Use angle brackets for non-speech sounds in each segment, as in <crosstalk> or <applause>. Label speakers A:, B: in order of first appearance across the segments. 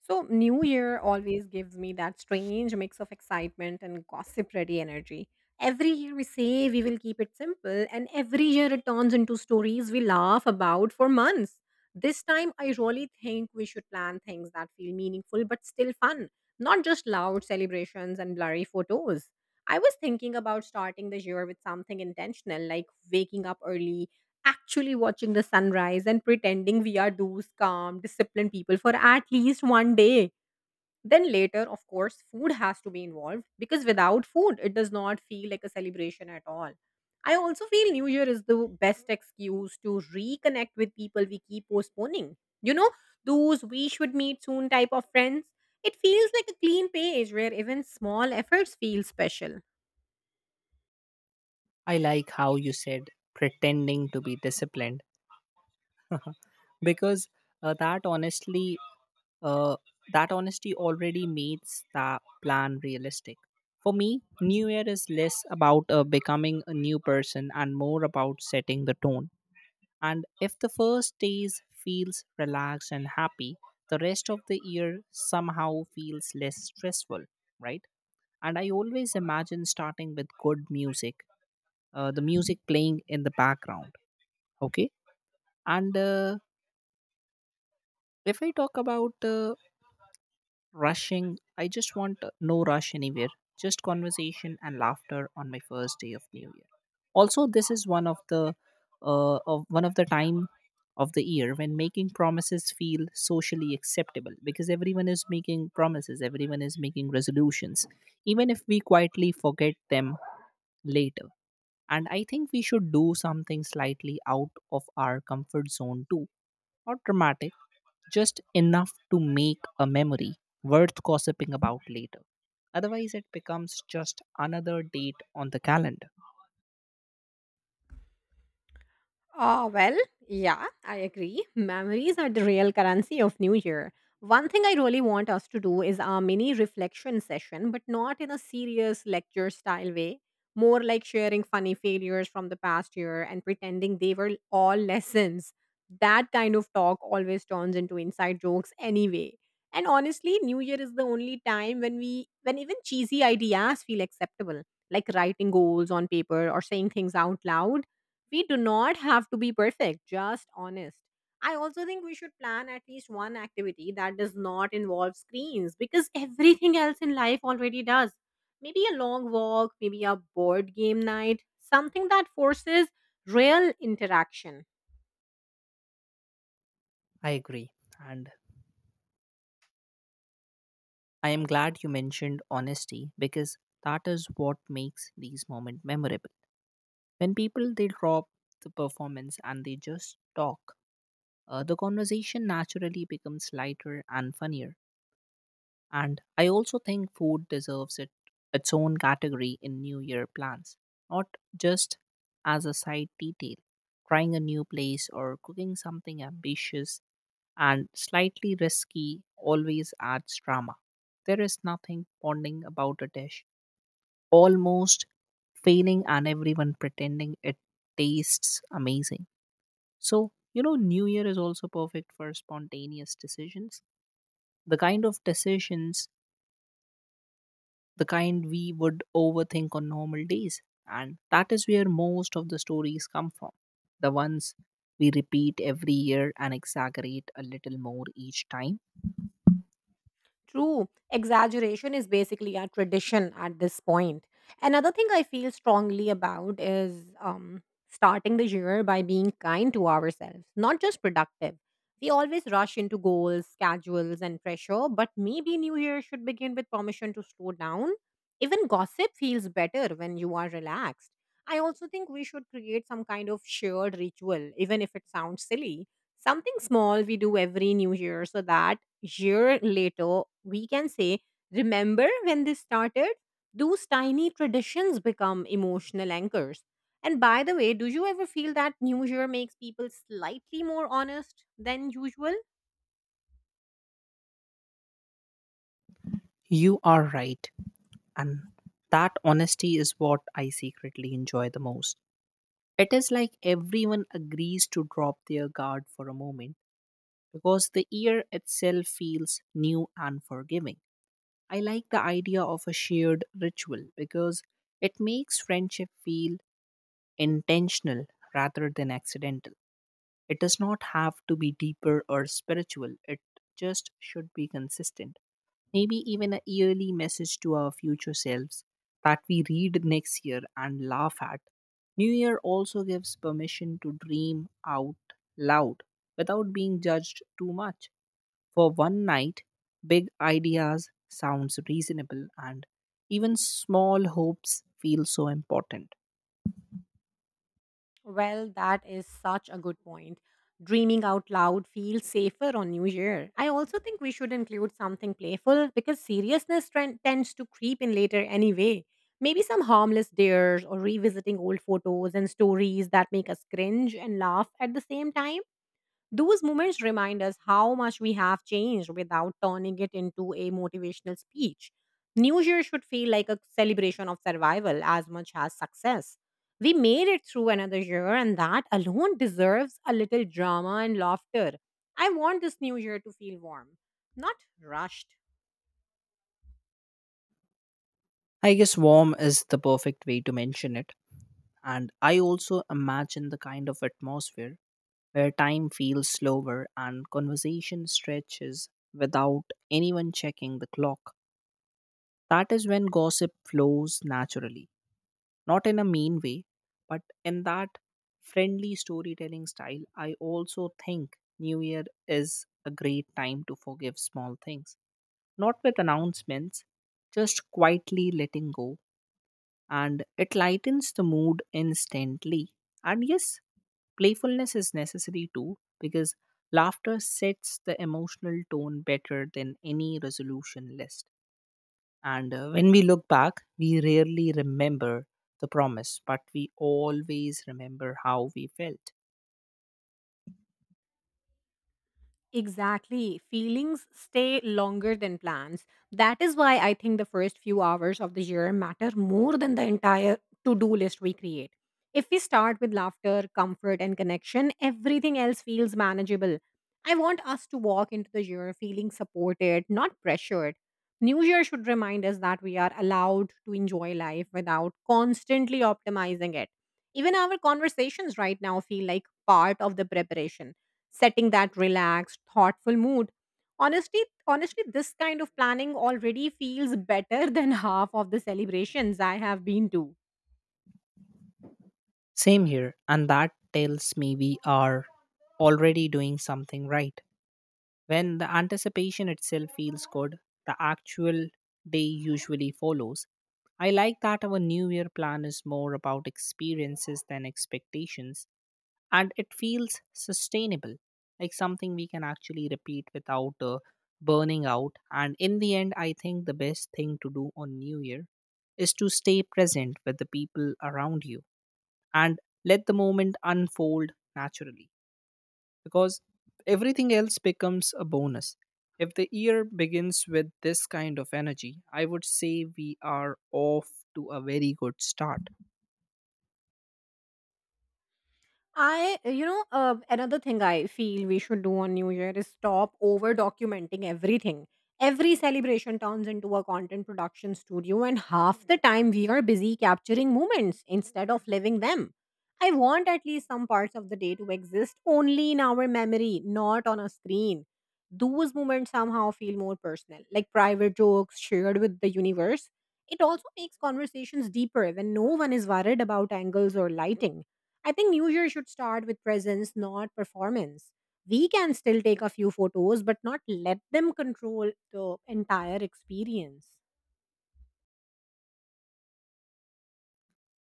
A: So, New Year always gives me that strange mix of excitement and gossip ready energy. Every year we say we will keep it simple, and every year it turns into stories we laugh about for months. This time, I really think we should plan things that feel meaningful but still fun, not just loud celebrations and blurry photos. I was thinking about starting the year with something intentional, like waking up early, actually watching the sunrise and pretending we are those calm, disciplined people for at least one day. Then later, of course, food has to be involved because without food, it does not feel like a celebration at all. I also feel New Year is the best excuse to reconnect with people we keep postponing, you know, those we should meet soon type of friends. It feels like a clean page where even small efforts feel special.
B: I like how you said pretending to be disciplined <laughs> because uh, that honestly uh, that honesty already makes the plan realistic. For me, New Year is less about becoming a new person and more about setting the tone. And if the first days feels relaxed and happy, the rest of the year somehow feels less stressful, right? And I always imagine starting with good music, the music playing in the background. Okay. And if I talk about rushing, I just want no rush anywhere, just conversation and laughter on my first day of New Year. Also, this is one of the time of the year when making promises feel socially acceptable, because everyone is making promises, everyone is making resolutions, even if we quietly forget them later. And I think we should do something slightly out of our comfort zone too. Not dramatic, just enough to make a memory worth gossiping about later. Otherwise, it becomes just another date on the calendar.
A: Well, yeah, I agree. Memories are the real currency of New Year. One thing I really want us to do is a mini reflection session, but not in a serious lecture style way. More like sharing funny failures from the past year and pretending they were all <laughs> lessons. That kind of talk always turns into inside jokes anyway. And honestly, New Year is the only time when even cheesy ideas feel acceptable, like writing goals on paper or saying things out loud. We do not have to be perfect, just honest. I also think we should plan at least one activity that does not involve screens because everything else in life already does. Maybe a long walk, maybe a board game night, something that forces real interaction.
B: I agree. And I am glad you mentioned honesty because that is what makes these moments memorable. When people they drop the performance and they just talk, the conversation naturally becomes lighter and funnier. And I also think food deserves it, its own category in New Year plans, not just as a side detail. Trying a new place or cooking something ambitious and slightly risky always adds drama. There is nothing bonding about a dish almost failing, and everyone pretending it tastes amazing. So, you know, New Year is also perfect for spontaneous decisions. The kind of decisions the kind we would overthink on normal days. And that is where most of the stories come from. The ones we repeat every year and exaggerate a little more each time.
A: True, exaggeration is basically a tradition at this point. Another thing I feel strongly about is starting the year by being kind to ourselves, not just productive. We always rush into goals, schedules, and pressure, but maybe New Year should begin with permission to slow down. Even gossip feels better when you are relaxed. I also think we should create some kind of shared ritual, even if it sounds silly. Something small we do every new year so that year later we can say, "Remember when this started?" Those tiny traditions become emotional anchors. And by the way, do you ever feel that New Year makes people slightly more honest than usual?
B: You are right. And that honesty is what I secretly enjoy the most. It is like everyone agrees to drop their guard for a moment because the year itself feels new and forgiving. I like the idea of a shared ritual because it makes friendship feel intentional rather than accidental. It does not have to be deeper or spiritual, it just should be consistent. Maybe even a yearly message to our future selves that we read next year and laugh at. New Year also gives permission to dream out loud without being judged too much. For one night, big ideas sounds reasonable and even small hopes feel so important.
A: Well, that is such a good point. Dreaming out loud feels safer on New Year. I also think we should include something playful because seriousness trend tends to creep in later anyway. Maybe some harmless dares or revisiting old photos and stories that make us cringe and laugh at the same time. Those moments remind us how much we have changed without turning it into a motivational speech. New Year should feel like a celebration of survival as much as success. We made it through another year, and that alone deserves a little drama and laughter. I want this new year to feel warm, not rushed.
B: I guess warm is the perfect way to mention it. And I also imagine the kind of atmosphere where time feels slower and conversation stretches without anyone checking the clock. That is when gossip flows naturally, not in a mean way, but in that friendly storytelling style. I also think New Year is a great time to forgive small things, not with announcements, just quietly letting go, and it lightens the mood instantly. And yes, playfulness is necessary too because laughter sets the emotional tone better than any resolution list. And when we look back, we rarely remember the promise, but we always remember how we felt.
A: Exactly. Feelings stay longer than plans. That is why I think the first few hours of the year matter more than the entire to do list we create. If we start with laughter, comfort, and connection, everything else feels manageable. I want us to walk into the year feeling supported, not pressured. New Year should remind us that we are allowed to enjoy life without constantly optimizing it. Even our conversations right now feel like part of the preparation, setting that relaxed, thoughtful mood. Honestly, honestly, this kind of planning already feels better <laughs> than half of the celebrations I have been to.
B: Same here, and that tells me we are already doing something right. When the anticipation itself feels good, the actual day usually follows. I like that our New Year plan is more about experiences than expectations, and it feels sustainable, like something we can actually repeat without burning out. And in the end, I think the best thing to do on New Year is to stay present with the people around you and let the moment unfold naturally, because everything else becomes a bonus. If the year begins with this kind of energy, I would say we are off to a very good start.
A: Another thing I feel we should do on New Year is stop over documenting everything. Every celebration turns into a content production studio, and half the time we are busy capturing moments instead of living them. I want at least some parts of the day to exist only in our memory, not on a screen. Those moments somehow feel more personal, like private jokes shared with the universe. It also makes conversations deeper when no one is worried about angles or lighting. I think New Year should start with presence, not performance. We can still take a few photos, but not let them control the entire experience.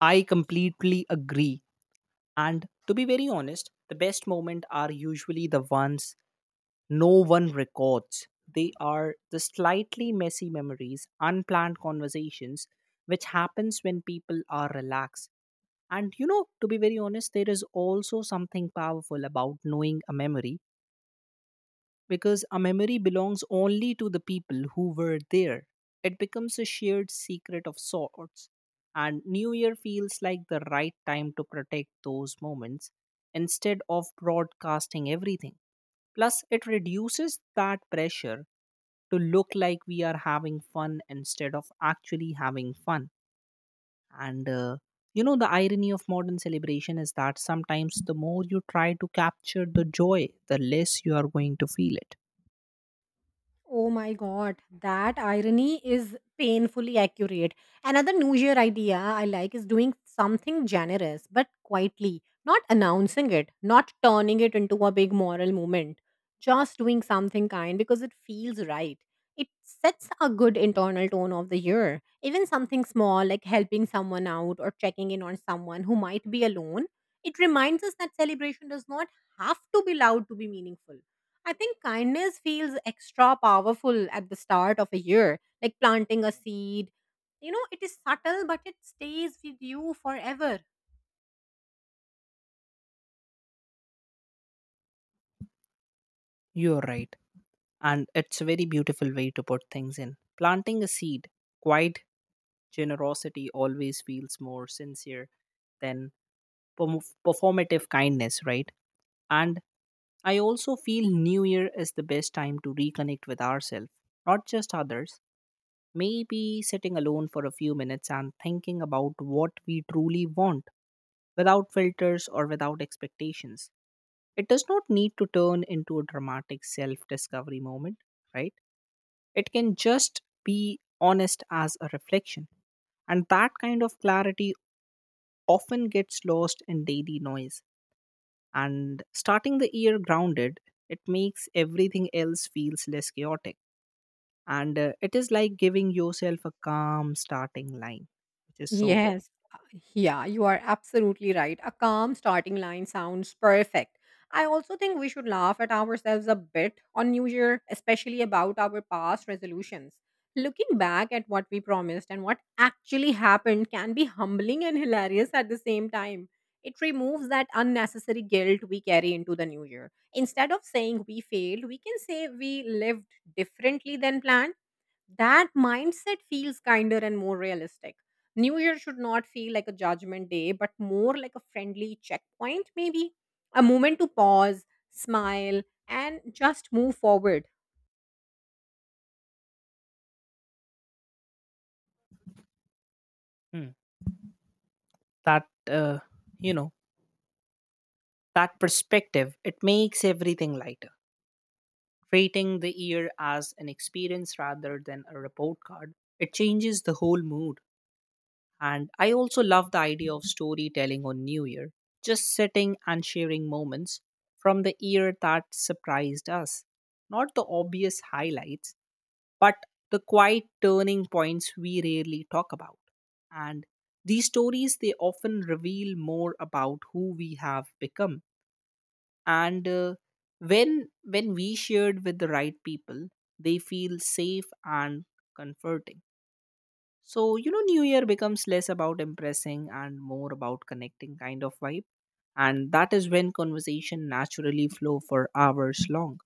B: I completely agree. And to be very honest, the best moments are usually the ones no one records. They are the slightly messy memories, unplanned conversations, which happens when people are relaxed. And you know, to be very honest, there is also something powerful about knowing a memory because a memory belongs only to the people who were there. It becomes a shared secret of sorts, and New Year feels like the right time to protect those moments instead of broadcasting everything. Plus, it reduces that pressure to look like we are having fun instead of actually having fun. And you know, the irony of modern celebration is that sometimes the more you try to capture the joy, the less you are going to feel it.
A: Oh my god, that irony is painfully accurate. Another New Year idea I like is doing something generous but quietly, not announcing it, not turning it into a big moral movement, just doing something kind because it feels right. It sets a good internal tone of the year. Even something small like helping someone out or checking in on someone who might be alone, it reminds us that celebration does not have to be loud to be meaningful. I think kindness feels extra powerful at the start of a year, like planting a seed. You know, it is subtle, but it stays with you forever.
B: You're right. And it's a very beautiful way to put things in. Planting a seed, quiet generosity always feels more sincere than performative kindness, right? And I also feel New Year is the best time to reconnect with ourselves, not just others. Maybe sitting alone for a few minutes and thinking about what we truly want without filters or without expectations. It does not need to turn into a dramatic self discovery moment, right? It can just be honest as a reflection. And that kind of clarity often gets lost in daily noise. And starting the year grounded, it makes everything else feels less chaotic. And it is like giving yourself a calm starting line, which is so good.
A: Yes. Yeah, you are absolutely right. A calm starting line sounds perfect. I also think we should laugh at ourselves a bit on New Year, especially about our past resolutions. Looking back at what we promised and what actually happened can be humbling and hilarious at the same time. It removes that unnecessary guilt we carry into the new year. Instead of saying we failed, we can say we lived differently than planned. That mindset feels kinder and more realistic. New Year should not feel like a judgment day, but more like a friendly checkpoint, maybe a moment to pause, smile, and just move forward.
B: Hmm. That, uh, you know, that perspective, it makes everything lighter. Rating the year as an experience rather than a report card, it changes the whole mood. And I also love the idea of storytelling on New Year, just sitting and sharing moments from the year that surprised us. Not the obvious highlights, but the quiet turning points we rarely talk about. And these stories, they often reveal more about who we have become, and when we shared with the right people they feel safe and comforting. So you know, new year becomes less about impressing and more about connecting kind of vibe, and that is when conversation naturally flow for hours long.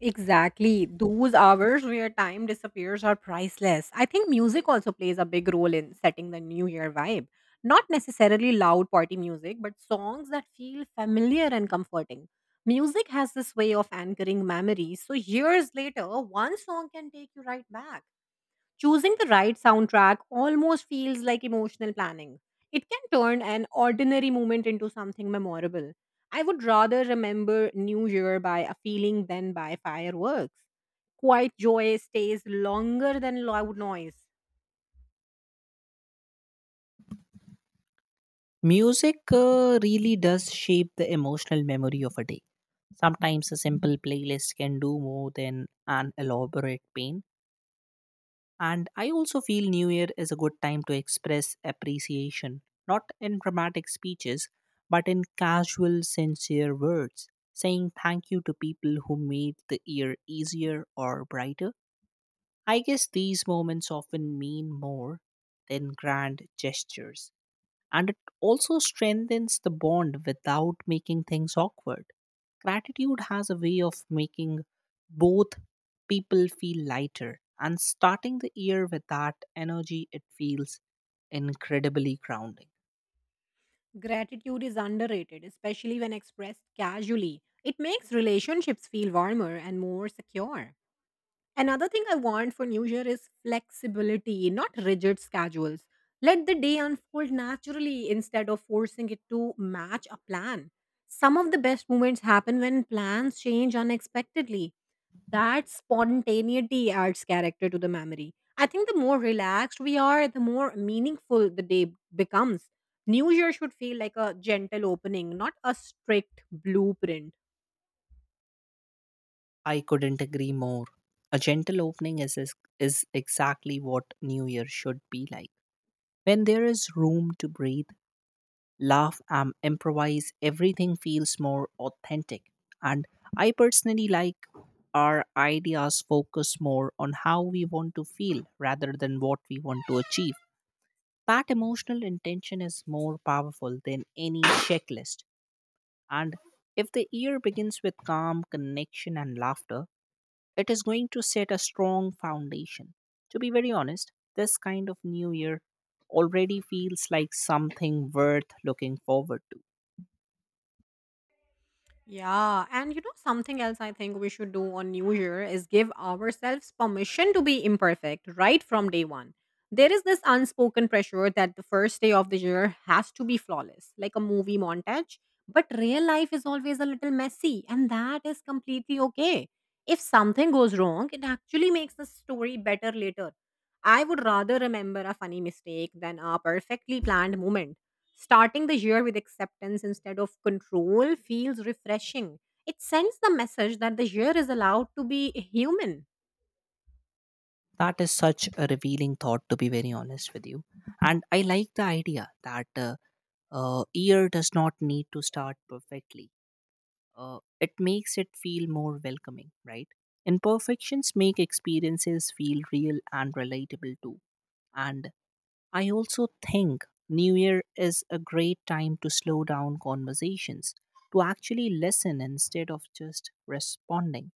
A: Exactly. Those hours where time disappears are priceless. I think music also plays a big role in setting the new year vibe. Not necessarily loud party music, but songs that feel familiar and comforting. Music has this way of anchoring memories, so years later, one song can take you right back. Choosing the right soundtrack almost feels like emotional planning. It can turn an ordinary moment into something memorable. I would rather remember New Year by a feeling than by fireworks. Quiet joy stays longer than loud noise.
B: Music really does shape the emotional memory of a day. Sometimes a simple playlist can do more than an elaborate paint. And I also feel New Year is a good time to express appreciation, not in dramatic speeches, but in casual, sincere words, saying thank you to people who made the year easier or brighter. I guess these moments often mean more than grand gestures, and it also strengthens the bond without making things awkward. Gratitude has a way of making both people feel lighter, and starting the year with that energy, it feels incredibly grounding.
A: Gratitude is underrated, especially when expressed casually. It makes relationships feel warmer and more secure. Another thing I want for New Year is flexibility, not rigid schedules. Let the day unfold naturally instead of forcing it to match a plan. Some of the best moments happen when plans change unexpectedly. That spontaneity adds character to the memory. I think the more relaxed we are, the more meaningful the day becomes. New Year should feel like a gentle opening, not a strict blueprint.
B: I couldn't agree more. A gentle opening is exactly what New Year should be like. When there is room to breathe, laugh and improvise, everything feels more authentic. And I personally like our ideas focus more on how we want to feel rather than what we want to achieve. That emotional intention is more powerful than any checklist. And if the year begins with calm, connection, and laughter, it is going to set a strong foundation. To be very honest, this kind of new year already feels like something worth looking forward to.
A: Yeah, and you know, something else I think we should do on New Year is give ourselves permission to be imperfect right from day one. There is this unspoken pressure that the first day of the year has to be flawless, like a movie montage. But real life is always a little messy, and that is completely okay. If something goes wrong, it actually makes the story better later. I would rather remember a funny mistake than a perfectly planned moment. Starting the year with acceptance instead of control feels refreshing. It sends the message that the year is allowed to be human.
B: That is such a revealing thought, to be very honest with you. And I like the idea that year does not need to start perfectly. It makes it feel more welcoming, right? Imperfections make experiences feel real and relatable too. And I also think New Year is a great time to slow down conversations, to actually listen instead of just responding.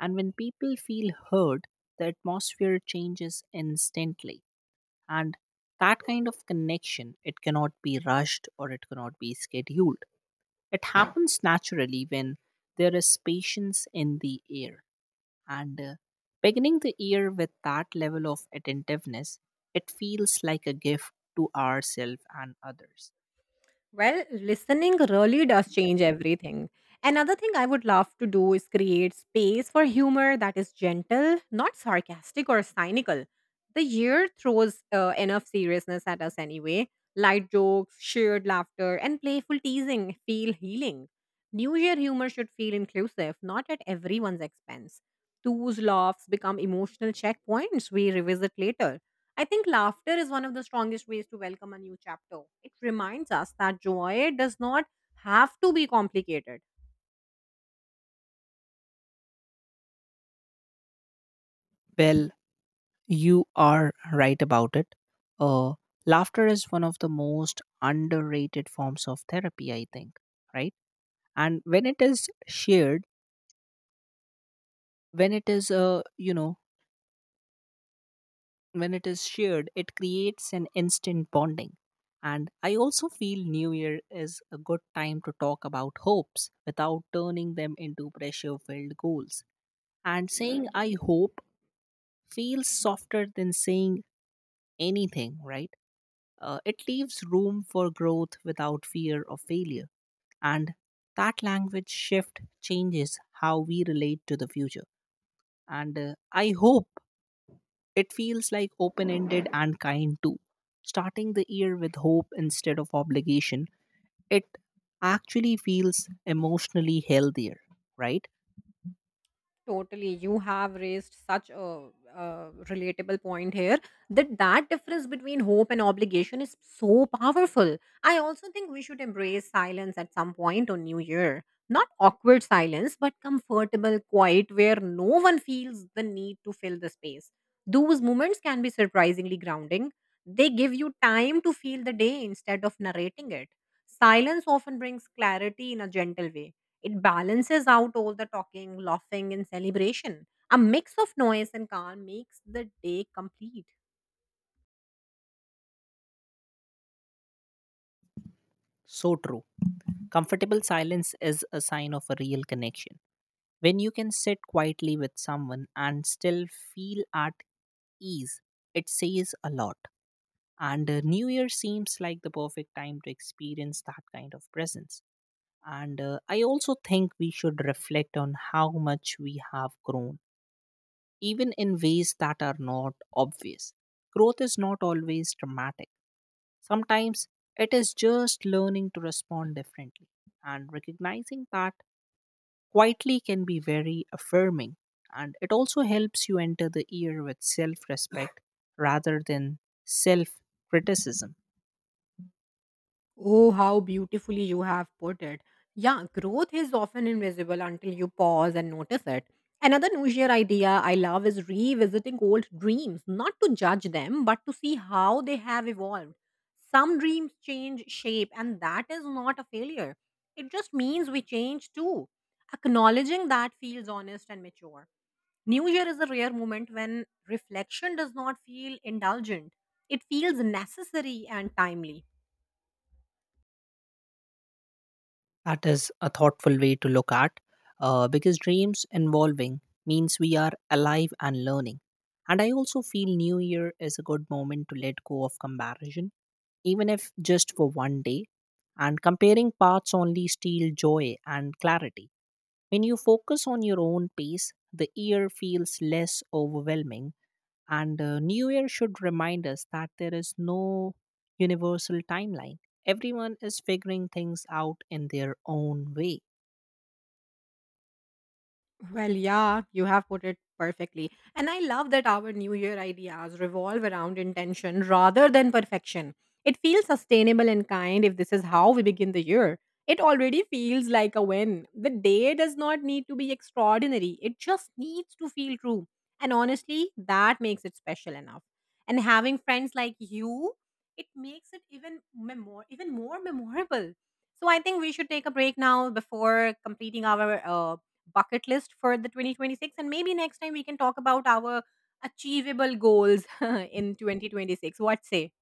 B: And when people feel heard, the atmosphere changes instantly. And that kind of connection, it cannot be rushed or it cannot be scheduled. It happens naturally when there is patience in the air. And beginning the year with that level of attentiveness, it feels like a gift to ourselves and others.
A: Well, listening really does change everything. Another thing I would love to do is create space for humor that is gentle, not sarcastic or cynical. The year throws enough seriousness at us anyway. Light jokes, shared laughter, and playful teasing feel healing. New Year humor should feel inclusive, not at everyone's expense. Those laughs become emotional checkpoints we revisit later. I think laughter is one of the strongest ways to welcome a new chapter. It reminds us that joy does not have to be complicated.
B: Well, you are right about it. Uh, Laughter is one of the most underrated forms of therapy, I think, right? And when it is shared, when it is, you know, when it is shared, it creates an instant bonding. And I also feel New Year is a good time to talk about hopes without turning them into pressure filled goals. And saying I hope feels softer than saying anything, right? It leaves room for growth without fear of failure. And that language shift changes how we relate to the future. And I hope it feels like open ended and kind too. Starting the year with hope instead of obligation, it actually feels emotionally healthier, right?
A: Totally, you have raised such a relatable point here that difference between hope and obligation is so powerful. I also think we should embrace silence at some point on New Year. Not awkward silence, but comfortable, quiet, where no one feels the need to fill the space. Those moments can be surprisingly grounding. They give you time to feel the day instead of narrating it. Silence often brings clarity in a gentle way. It balances out all the talking, laughing, and celebration. A mix of noise and calm makes the day complete.
B: So true. Comfortable silence is a sign of a real connection. When you can sit quietly with someone and still feel at ease, it says a lot. And New Year seems like the perfect time to experience that kind of presence. And I also think we should reflect on how much we have grown, even in ways that are not obvious. Growth is not always dramatic, sometimes it is just learning to respond differently. And recognizing that quietly can be very affirming. And it also helps you enter the year with self respect <sighs> rather than self criticism.
A: Oh, how beautifully you have put it. Yeah, growth is often invisible until you pause and notice it. Another New Year idea I love is revisiting old dreams, not to judge them, but to see how they have evolved. Some dreams change shape, and that is not a failure. It just means we change too. Acknowledging that feels honest and mature. New Year is a rare moment when reflection does not feel indulgent, it feels necessary and timely.
B: That is a thoughtful way to look at, because dreams involving means we are alive and learning. And I also feel New Year is a good moment to let go of comparison, even if just for one day. And comparing paths only steal joy and clarity. When you focus on your own pace, the year feels less overwhelming. And New Year should remind us that there is no universal timeline. Everyone is figuring things out in their own way.
A: Well, yeah, you have put it perfectly. And I love that our New Year ideas revolve around intention rather than perfection. It feels sustainable and kind. If this is how we begin the year, it already feels like a win. The day does not need to be extraordinary, it just needs to feel true. And honestly, that makes it special enough. And having friends like you, it makes it even more memorable. So I think we should take a break now before completing our bucket list for the 2026, and maybe next time we can talk about our achievable goals <laughs> in 2026. What say?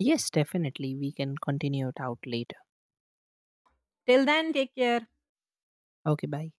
B: Yes, definitely. We can continue it out later.
A: Till then, take care.
B: Okay, bye.